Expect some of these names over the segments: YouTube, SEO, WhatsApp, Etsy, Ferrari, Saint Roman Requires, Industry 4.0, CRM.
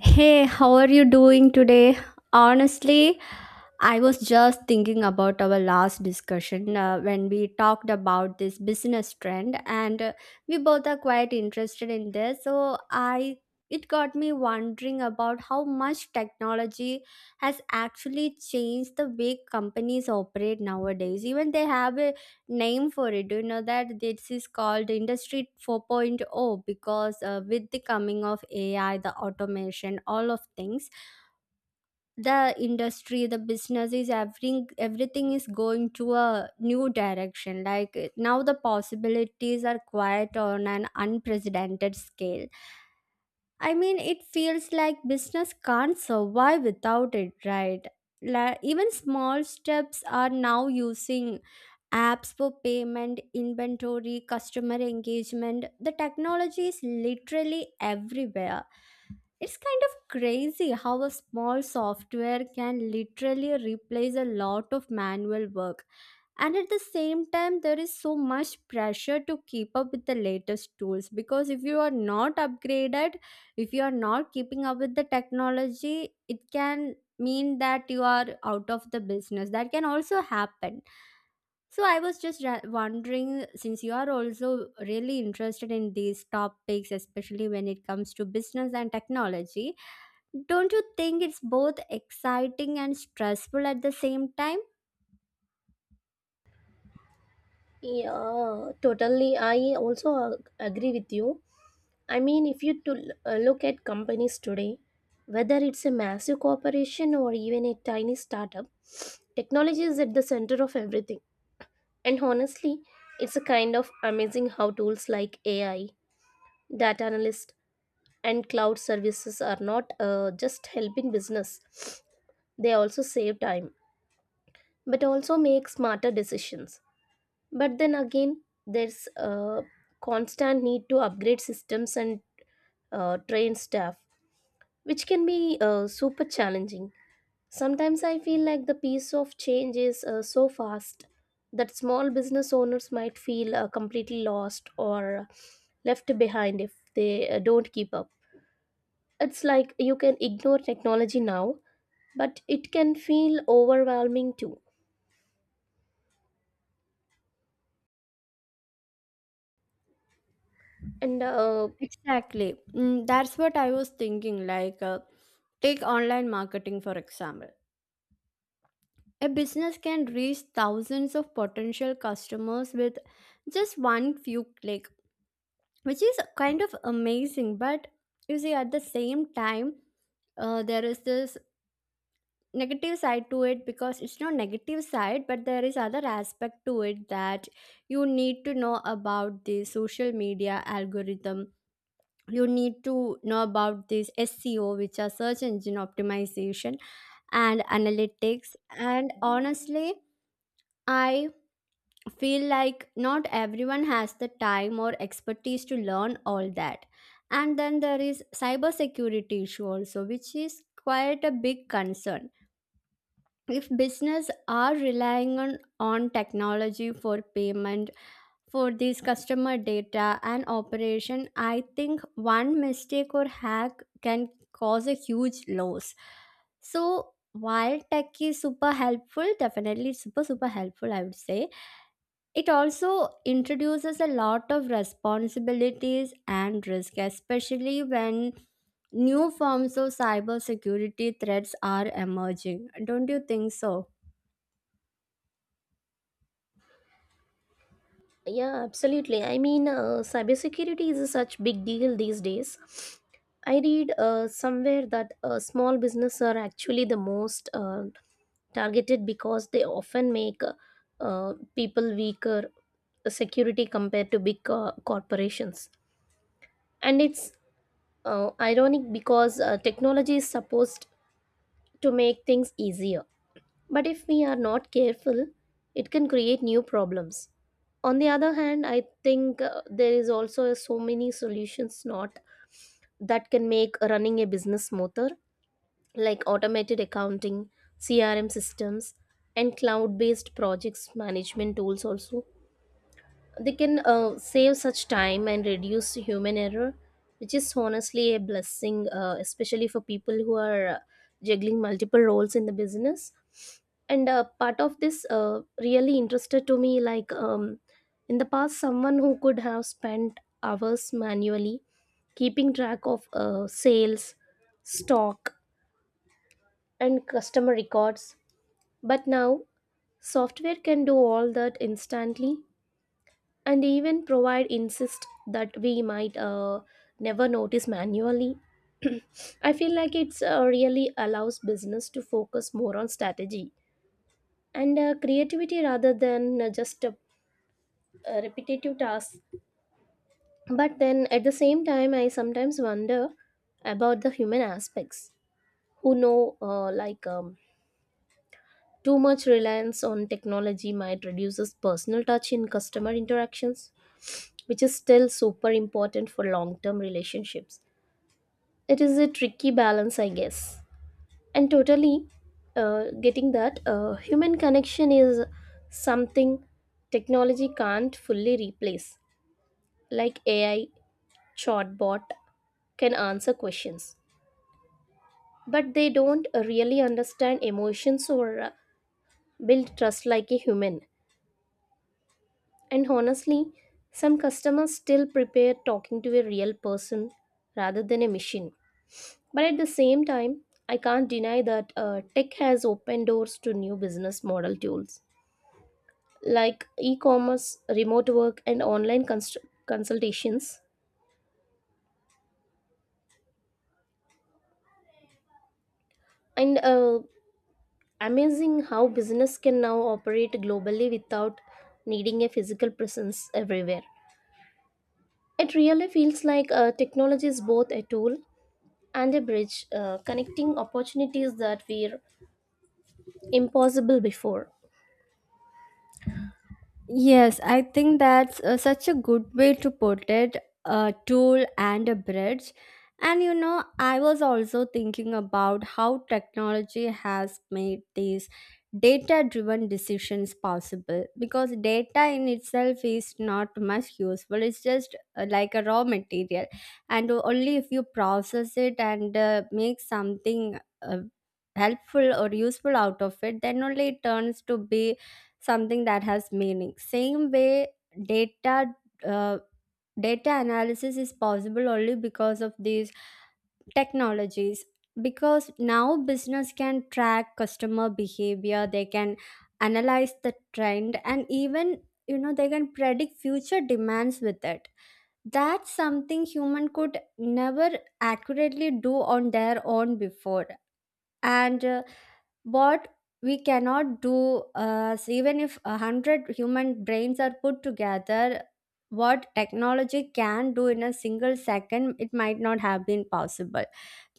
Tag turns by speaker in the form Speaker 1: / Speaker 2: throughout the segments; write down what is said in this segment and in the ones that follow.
Speaker 1: Hey, how are you doing today? Honestly, I was just thinking about our last discussion when we talked about this business trend, and we both are quite interested in this. So I It got me wondering about how much technology has actually changed the way companies operate nowadays. Even they have a name for it. Do you know that this is called Industry 4.0? Because with the coming of AI, the automation, all of things, the businesses, everything is going to a new direction. Like now the possibilities are quite on an unprecedented scale. I mean, it feels like business can't survive without it, right? Like, even small steps are now using apps for payment, inventory, customer engagement. The technology is literally everywhere. It's kind of crazy how a small software can literally replace a lot of manual work. And at the same time, there is so much pressure to keep up with the latest tools, because if you are not upgraded, if you are not keeping up with the technology, it can mean that you are out of the business. That can also happen. So I was just wondering, since you are also really interested in these topics, especially when it comes to business and technology, don't you think it's both exciting and stressful at the same time?
Speaker 2: Yeah, totally. I also agree with you. I mean, if you to look at companies today, whether it's a massive corporation or even a tiny startup, technology is at the center of everything. And honestly, it's a kind of amazing how tools like AI, data analyst, and cloud services are not just helping business. They also save time, but also make smarter decisions. But then again, there's a constant need to upgrade systems and train staff, which can be super challenging. Sometimes I feel like the pace of change is so fast that small business owners might feel completely lost or left behind if they don't keep up. It's like you can ignore technology now, but it can feel overwhelming too. And
Speaker 1: Exactly. Mm, that's what I was thinking. Like, take online marketing for example. A business can reach thousands of potential customers with just one few clicks, which is kind of amazing. But you see, at the same time, there is this negative side to it. Because it's not negative side, but there is other aspect to it, that you need to know about the social media algorithm, you need to know about this seo, which are search engine optimization, and analytics. And honestly, I feel like not everyone has the time or expertise to learn all that. And then there is cybersecurity issue also, which is quite a big concern. If business are relying on technology for payment, for these customer data and operation, I think one mistake or hack can cause a huge loss. So while tech is super helpful, definitely super super helpful I would say, it also introduces a lot of responsibilities and risk, especially when new forms of cybersecurity threats are emerging. Don't you think so?
Speaker 2: Yeah, absolutely. I mean, cybersecurity is such big deal these days. I read somewhere that small businesses are actually the most targeted because they often make people weaker security compared to big corporations. And it's ironic because technology is supposed to make things easier. But if we are not careful, it can create new problems. On the other hand, I think there is also so many solutions not that can make running a business smoother, like automated accounting, CRM systems, and cloud-based projects management tools also. They can save such time and reduce human error, which is honestly a blessing, especially for people who are juggling multiple roles in the business. And part of this really interested to me, like in the past, someone who could have spent hours manually keeping track of sales, stock, and customer records. But now, software can do all that instantly and even provide insist that we might never notice manually. I feel like it's really allows business to focus more on strategy and creativity rather than just a repetitive task. But then at the same time, I sometimes wonder about the human aspects. Who know, like, too much reliance on technology might reduce personal touch in customer interactions, which is still super important for long-term relationships. It is a tricky balance, I guess. And totally, getting that human connection is something technology can't fully replace. Like AI chatbot can answer questions, but they don't really understand emotions or build trust like a human. And honestly, some customers still prepare talking to a real person rather than a machine. But at the same time, I can't deny that tech has opened doors to new business model tools like e commerce, remote work, and online consultations. And Amazing how business can now operate globally without needing a physical presence everywhere. It really feels like technology is both a tool and a bridge connecting opportunities that were impossible before.
Speaker 1: Yes, I think that's such a good way to put it, a tool and a bridge. And you know, I was also thinking about how technology has made these data driven decisions possible. Because data in itself is not much useful, it's just like a raw material. And only if you process it and make something uh, helpful or useful out of it, then only it turns to be something that has meaning. Same way, data, uh, data analysis is possible only because of these technologies. Because now business can track customer behavior, they can analyze the trend, and even you know they can predict future demands with it. That's something human could never accurately do on their own before. And what we cannot do, so even if a hundred human brains are put together, what technology can do in a single second it might not have been possible.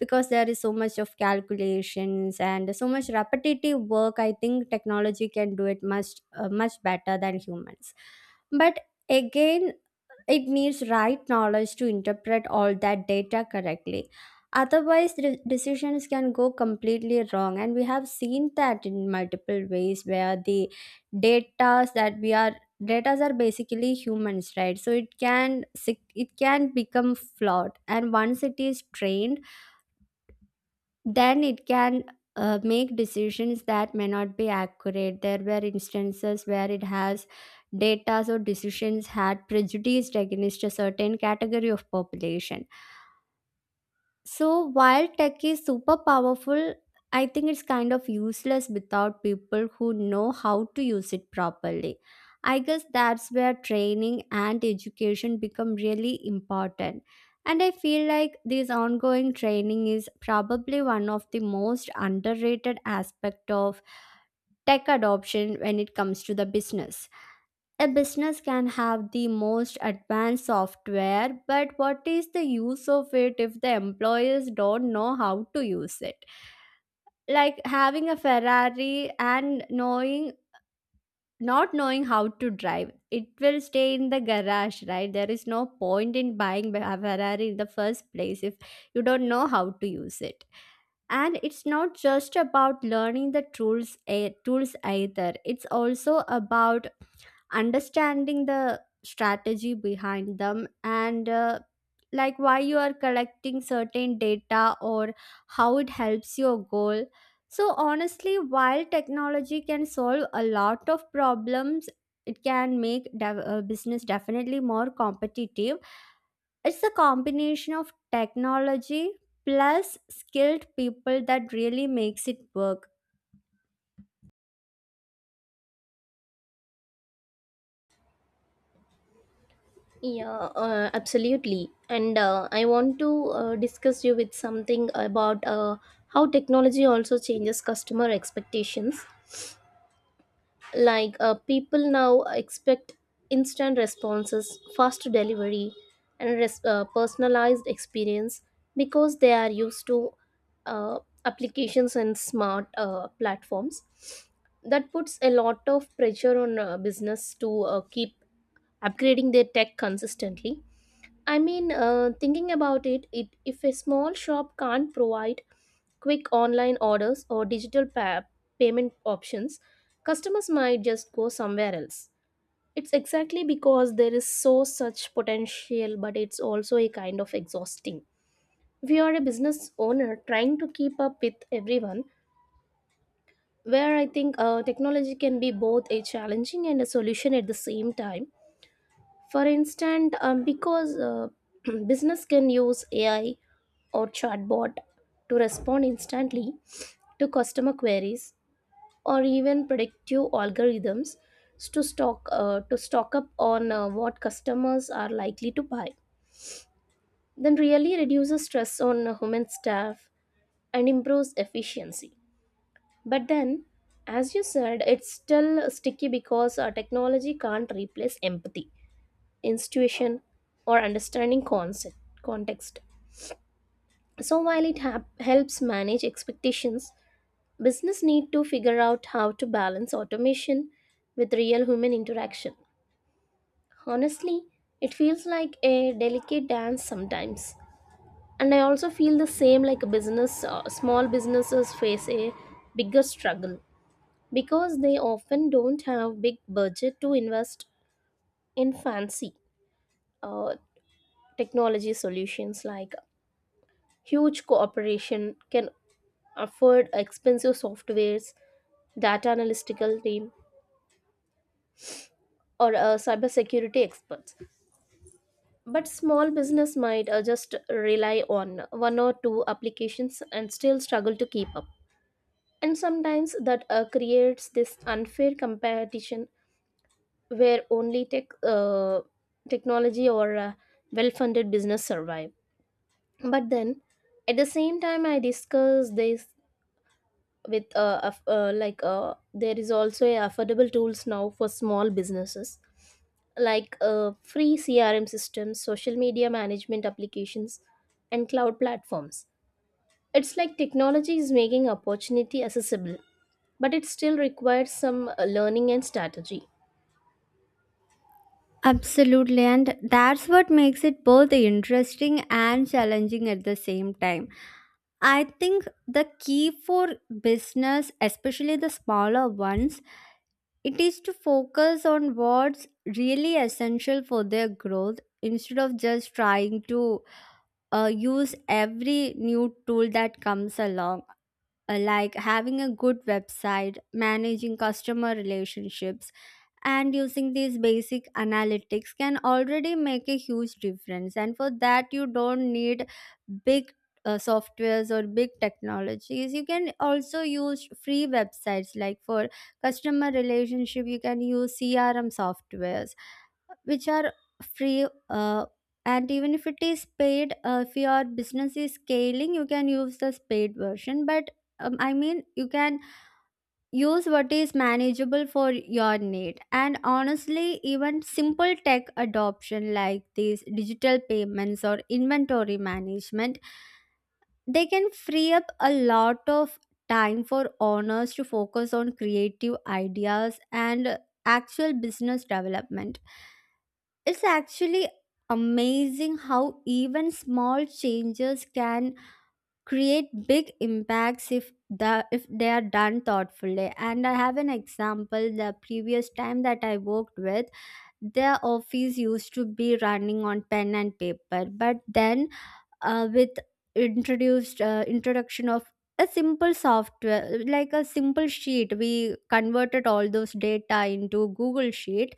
Speaker 1: Because there is so much of calculations and so much repetitive work, I think technology can do it much much better than humans. But again, it needs right knowledge to interpret all that data correctly. Otherwise the decisions can go completely wrong, and we have seen that in multiple ways, where the data that we are, data are basically humans, right? So it can it can become flawed, and once it is trained then it can make decisions that may not be accurate. There were instances where it has data or decisions had prejudiced against a certain category of population. So while tech is super powerful, I think it's kind of useless without people who know how to use it properly. I guess that's where training and education become really important. And I feel like this ongoing training is probably one of the most underrated aspect of tech adoption when it comes to the business. A business can have the most advanced software, but what is the use of it if the employees don't know how to use it? Like having a Ferrari and knowing not knowing how to drive it, will stay in the garage, right? There is no point in buying a Ferrari in the first place if you don't know how to use it. And it's not just about learning the tools either, it's also about understanding the strategy behind them, and like why you are collecting certain data, or how it helps your goal. So honestly, while technology can solve a lot of problems, it can make business definitely more competitive, it's a combination of technology plus skilled people that really makes it work.
Speaker 2: Yeah, absolutely. And I want to discuss you with something about how technology also changes customer expectations. Like, people now expect instant responses, fast delivery, and personalized experience because they are used to uh, applications and smart platforms. That puts a lot of pressure on business to keep upgrading their tech consistently. I mean, thinking about it, if a small shop can't provide quick online orders, or digital payment options, customers might just go somewhere else. It's exactly because there is so such potential, but it's also a kind of exhausting. We are a business owner trying to keep up with everyone, where I think technology can be both a challenging and a solution at the same time. For instance, because business can use AI or chatbot to respond instantly to customer queries or even predictive algorithms to stock up on what customers are likely to buy, then really reduces stress on human staff and improves efficiency. But then, as you said, it's still sticky because technology can't replace empathy, intuition, or understanding concept context. So while it helps manage expectations, business need to figure out how to balance automation with real human interaction. Honestly, it feels like a delicate dance sometimes. And I also feel the same, like a business small businesses face a bigger struggle because they often don't have big budget to invest in fancy uh, technology solutions like huge corporation can afford expensive softwares, data analytical team, or cybersecurity experts. But small business might just rely on one or two applications and still struggle to keep up. And sometimes that creates this unfair competition where only technology or well funded business survive. But then at the same time, I discuss this with there is also a affordable tools now for small businesses like, free CRM systems, social media management applications, and cloud platforms. It's like technology is making opportunity accessible, but it still requires some learning and strategy.
Speaker 1: Absolutely, and that's what makes it both interesting and challenging at the same time. I think the key for business, especially the smaller ones, it is to focus on what's really essential for their growth, instead of just trying to use every new tool that comes along. Like having a good website, managing customer relationships, and using these basic analytics can already make a huge difference. And for that you don't need big softwares or big technologies. You can also use free websites. Like for customer relationship you can use crm softwares which are free, and even if it is paid, if your business is scaling you can use the paid version. But I mean, you can use what is manageable for your need. And honestly, even simple tech adoption like these digital payments or inventory management, they can free up a lot of time for owners to focus on creative ideas and actual business development. It's actually amazing how even small changes can create big impacts, if the if they are done thoughtfully. And I have an example. The previous time that I worked with, their office used to be running on pen and paper. But then with introduced introduction of a simple software, like a simple sheet, we converted all those data into google sheet,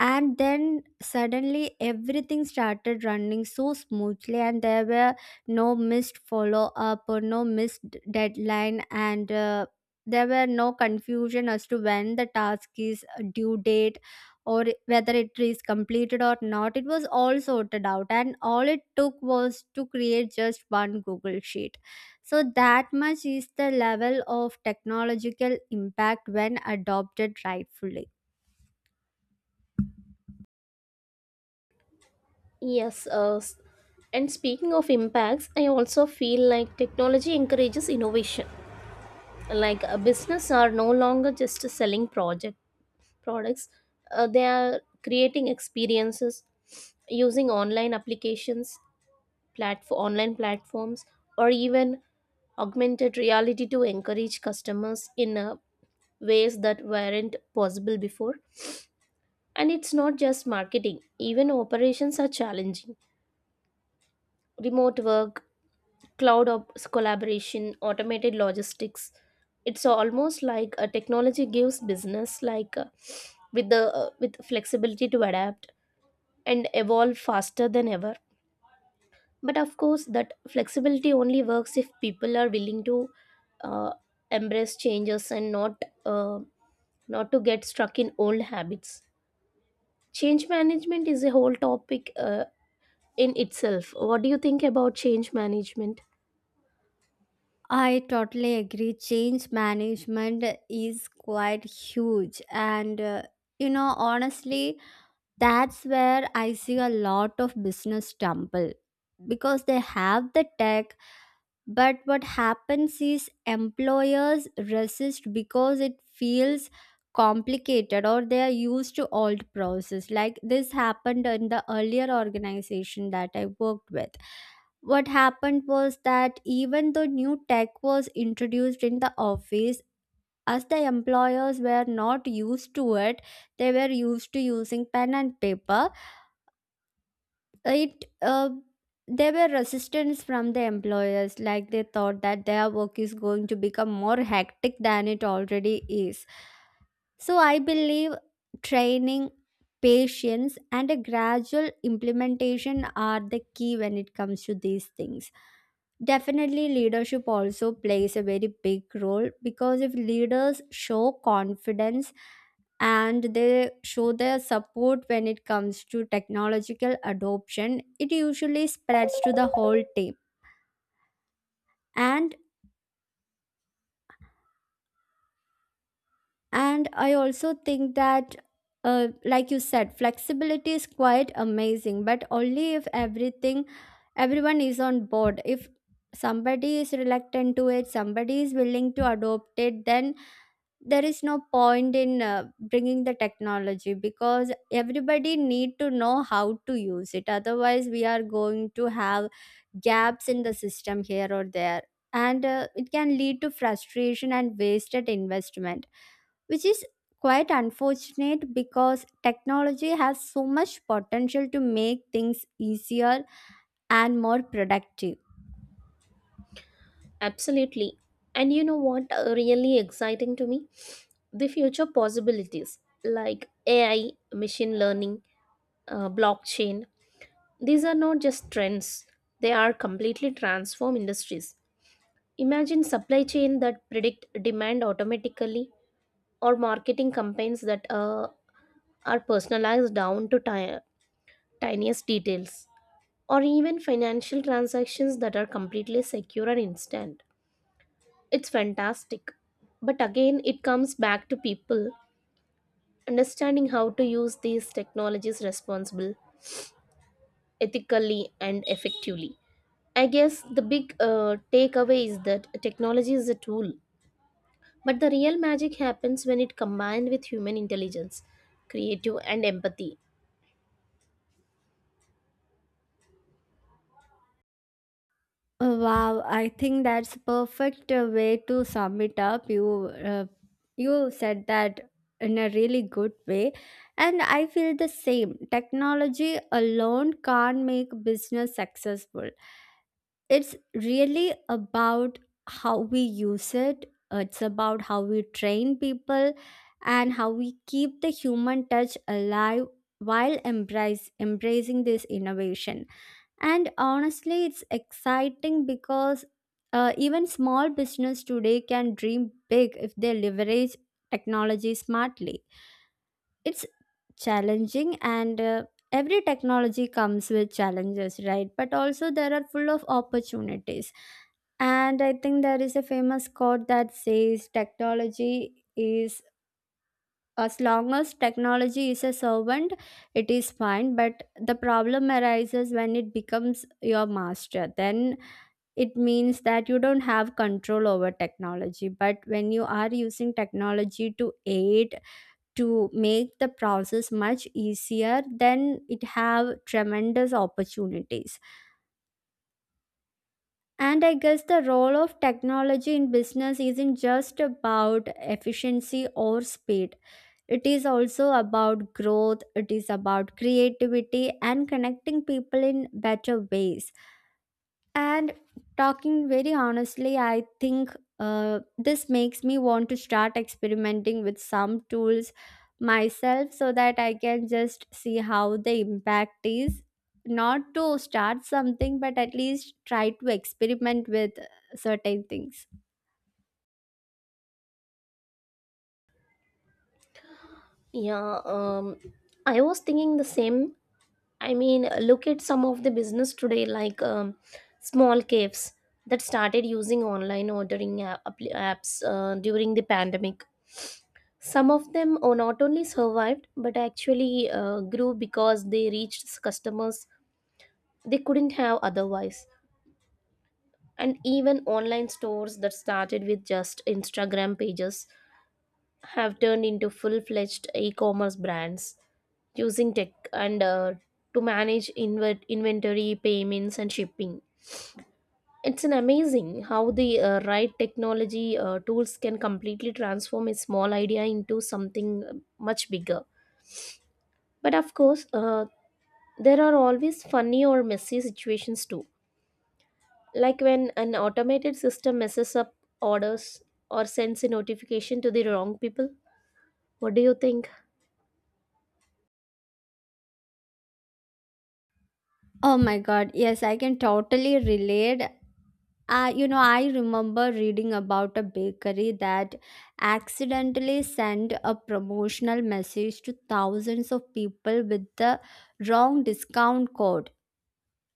Speaker 1: and then suddenly everything started running so smoothly. And there were no missed follow up, or no missed deadline, and there were no confusion as to when the task is due date, or whether it is completed or not. It was all sorted out, and all it took was to create just one google sheet. So that much is the level of technological impact when adopted rightfully.
Speaker 2: Yes, and speaking of impacts, I also feel like technology encourages innovation. Like a business are no longer just selling project products, they are creating experiences using online applications online platforms, or even augmented reality to encourage customers in ways that weren't possible before. And it's not just marketing, even operations are challenging. Remote work, collaboration, automated logistics. It's almost like a technology gives business like, with flexibility to adapt and evolve faster than ever. But of course, that flexibility only works if people are willing to uh, embrace changes and uh, not to get stuck in old habits. Change management is a whole topic in itself. What do you think about change management?
Speaker 1: I totally agree. Change management is quite huge. And, you know, honestly, that's where I see a lot of business stumble. Because they have the tech, but what happens is employers resist because it feels complicated, or they are used to old process. Like this happened in the earlier organization that I worked with. What happened was that even though new tech was introduced in the office, as the employers were not used to it, they were used to using pen and paper, it there were resistance from the employers, like they thought that their work is going to become more hectic than it already is. So I believe training, patience, and a gradual implementation are the key when it comes to these things. Definitely, leadership also plays a very big role, because if leaders show confidence and they show their support when it comes to technological adoption, it usually spreads to the whole team. And And I also think that, like you said, flexibility is quite amazing, but only if everyone is on board. If somebody is reluctant to it, somebody is willing to adopt it, then there is no point in bringing the technology, because everybody need to know how to use it. Otherwise, we are going to have gaps in the system here or there. And it can lead to frustration and wasted investment, which is quite unfortunate, because technology has so much potential to make things easier and more productive.
Speaker 2: Absolutely. And you know what, really exciting to me the future possibilities, like AI, machine learning, blockchain. These are not just trends, they are completely transform industries. Imagine supply chain that predict demand automatically, or marketing campaigns that are personalized down to tiniest details, or even financial transactions that are completely secure and instant. It's fantastic. But again, it comes back to people understanding how to use these technologies responsibly, ethically and effectively. I guess the big takeaway is that technology is a tool. But the real magic happens when it combined with human intelligence, creative and empathy.
Speaker 1: Oh, wow, I think that's a perfect way to sum it up. You you said that in a really good way, and I feel the same. Technology alone can't make business successful. It's really about how we use it, it's about how we train people and how we keep the human touch alive while embracing this innovation. And honestly, it's exciting because, even small business today can dream big if they leverage technology smartly. It's challenging and every technology comes with challenges, right? But also there are full of opportunities. And I think there is a famous quote that says technology is, as long as technology is a servant it is fine, but the problem arises when it becomes your master. Then it means that you don't have control over technology, but when you are using technology to aid, to make the process much easier, then it have tremendous opportunities. And I guess the role of technology in business isn't just about efficiency or speed, it is also about growth, it is about creativity and connecting people in better ways. And talking very honestly, I think this makes me want to start experimenting with some tools myself so that I can just see how the impact is. Not to start something, but at least try to experiment with certain things.
Speaker 2: Yeah, I was thinking the same. I mean, look at some of the business today, like, small caves that started using online apps during the pandemic. Some of them not only survived but actually grew because they reached customers they couldn't have otherwise. And even online stores that started with just Instagram pages have turned into full-fledged e-commerce brands using tech and to manage inventory payments and shipping. It's an amazing how the right technology tools can completely transform a small idea into something much bigger. But of course, there are always funny or messy situations too, like when an automated system messes up orders or sends a notification to the wrong people. What do you think?
Speaker 1: Oh my god, yes, I can totally relate. I remember reading about a bakery that accidentally sent a promotional message to thousands of people with the wrong discount code.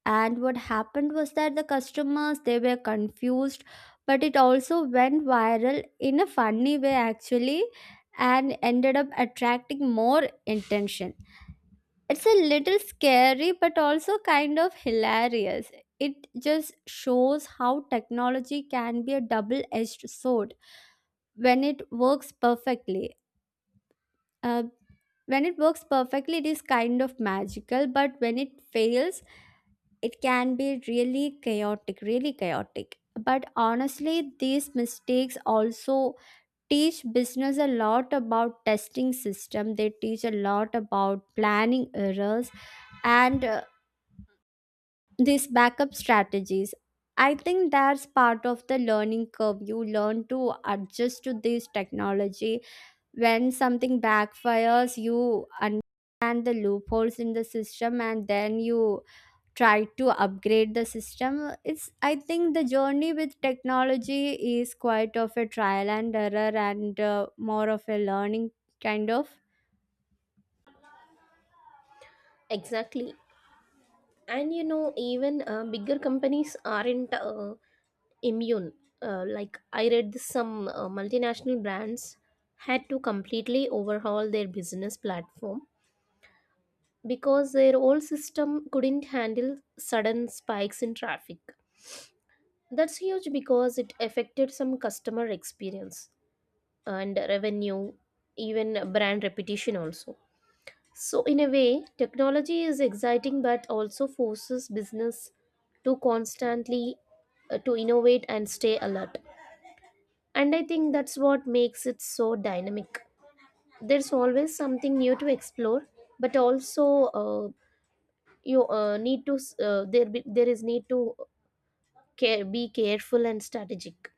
Speaker 1: And what happened was that the customers, they were confused, but it also went viral in a funny way actually and ended up attracting more attention. It's a little scary, but also kind of hilarious. It just shows how technology can be a double edged sword when it works perfectly. Uh, when it works perfectly, it is kind of magical, but when it fails, it can be really chaotic, really chaotic. But honestly, these mistakes also teach business a lot about testing system. They teach a lot about planning errors and these backup strategies. I think that's part of the learning curve. You learn to adjust to this technology. When something backfires, you understand the loopholes in the system, and then you try to upgrade the system. It's, I think the journey with technology is quite of a trial and error and more of a learning kind of.
Speaker 2: Exactly. And you know, even bigger companies aren't immune. Like, I read some multinational brands had to completely overhaul their business platform because their old system couldn't handle sudden spikes in traffic. That's huge because it affected some customer experience and revenue, even brand reputation also. So, in a way, technology is exciting but also forces business to constantly to innovate and stay alert. And I think that's what makes it so dynamic. There's always something new to explore, but also, uh, you need to s- there be, there is need to be careful and strategic.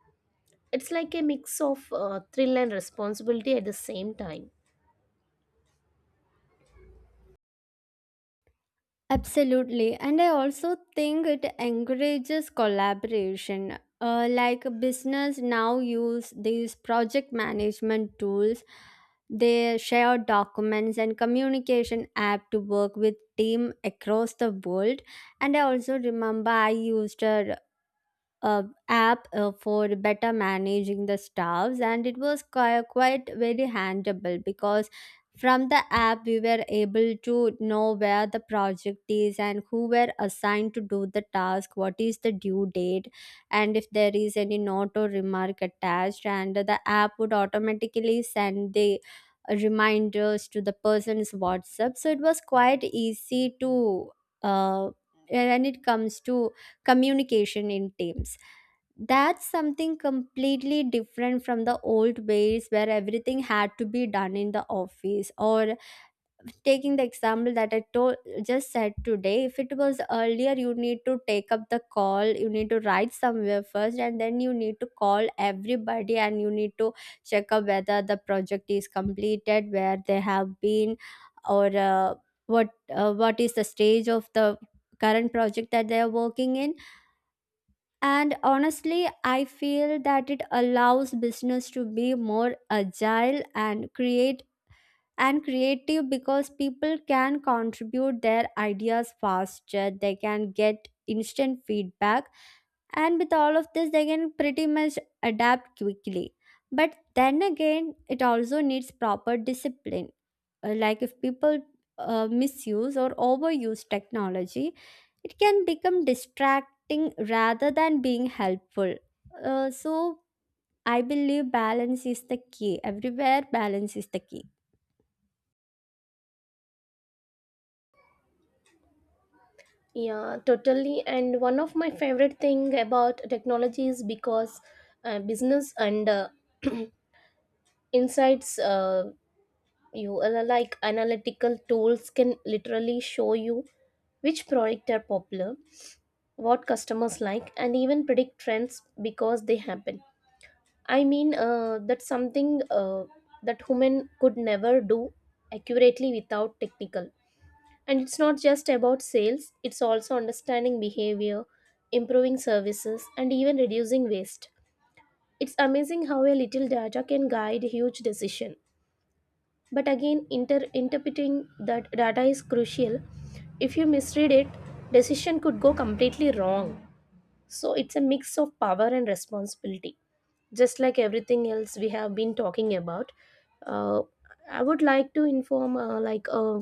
Speaker 2: It's like a mix of thrill and responsibility at the same time.
Speaker 1: Absolutely. And I also think it encourages collaboration. Like business now use these project management tools. They share documents and communication app to work with team across the world. And I also remember I used a uh, app for better managing the staffs, and it was quite very handable because from the app we were able to know where the project is and who were assigned to do the task, what is the due date, and if there is any note or remark attached, and the app would automatically send the reminders to the person's WhatsApp. So it was quite easy to, uh, when it comes to communication in teams. That's something completely different from the old ways where everything had to be done in the office. Or taking the example that I told just said today, if it was earlier, you need to take up the call, you need to write somewhere first, and then you need to call everybody and you need to check up whether the project is completed, where they have been, or what what is the stage of the current project that they are working in. And honestly, I feel that it allows business to be more agile and create and creative because people can contribute their ideas faster. They can get instant feedback, and with all of this they can pretty much adapt quickly. But then again, it also needs proper discipline, like if people misuse or overuse technology, it can become distracting rather than being helpful. So I believe balance is the key. Everywhere balance is the key.
Speaker 2: Yeah, totally. And one of my favorite thing about technology is because business and insights, you, like analytical tools can literally show you which product are popular, what customers like, and even predict trends because they happen. I mean, that's something that human could never do accurately without technical. And it's not just about sales, it's also understanding behavior, improving services, and even reducing waste. It's amazing how a little data can guide huge decision. But again, interpreting that data is crucial. If you misread it, decision could go completely wrong. So it's a mix of power and responsibility. Just like everything else we have been talking about, uh, I would like to inform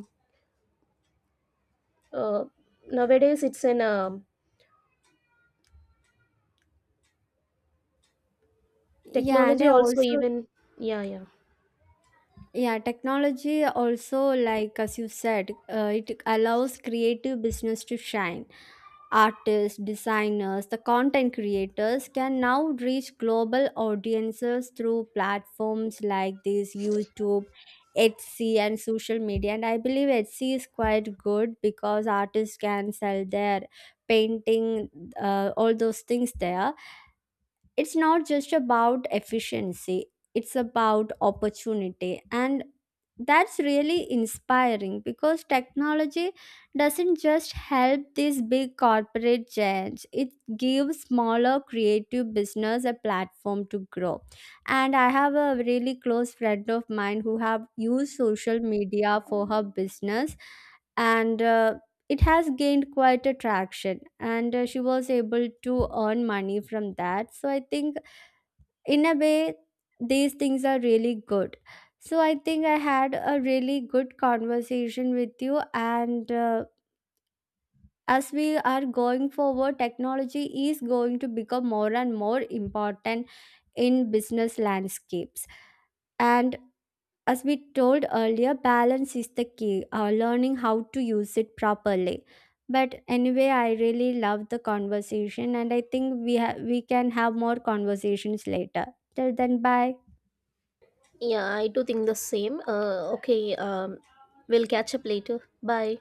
Speaker 2: uh, nowadays it's an
Speaker 1: Yeah, and
Speaker 2: technology
Speaker 1: I
Speaker 2: also
Speaker 1: also,
Speaker 2: even yeah, yeah.
Speaker 1: yeah, technology also, like as you said, it allows creative business to shine. Artists, designers, the content creators can now reach global audiences through platforms like this YouTube, Etsy, and social media. And I believe Etsy is quite good because artists can sell their painting, all those things there. It's not just about efficiency, it's about opportunity. And that's really inspiring because technology doesn't just help these big corporate giants, it gives smaller creative business a platform to grow. And I have a really close friend of mine who have used social media for her business, and it has gained quite a traction, and she was able to earn money from that. So I think, in a way, these things are really good. So I think I had a really good conversation with you, and as we are going forward, technology is going to become more and more important in business landscapes. And as we told earlier, balance is the key, learning how to use it properly. But anyway, I really love the conversation, and I think we can have more conversations later. Till then, bye.
Speaker 2: Yeah, I do think the same. Okay, we'll catch up later. Bye.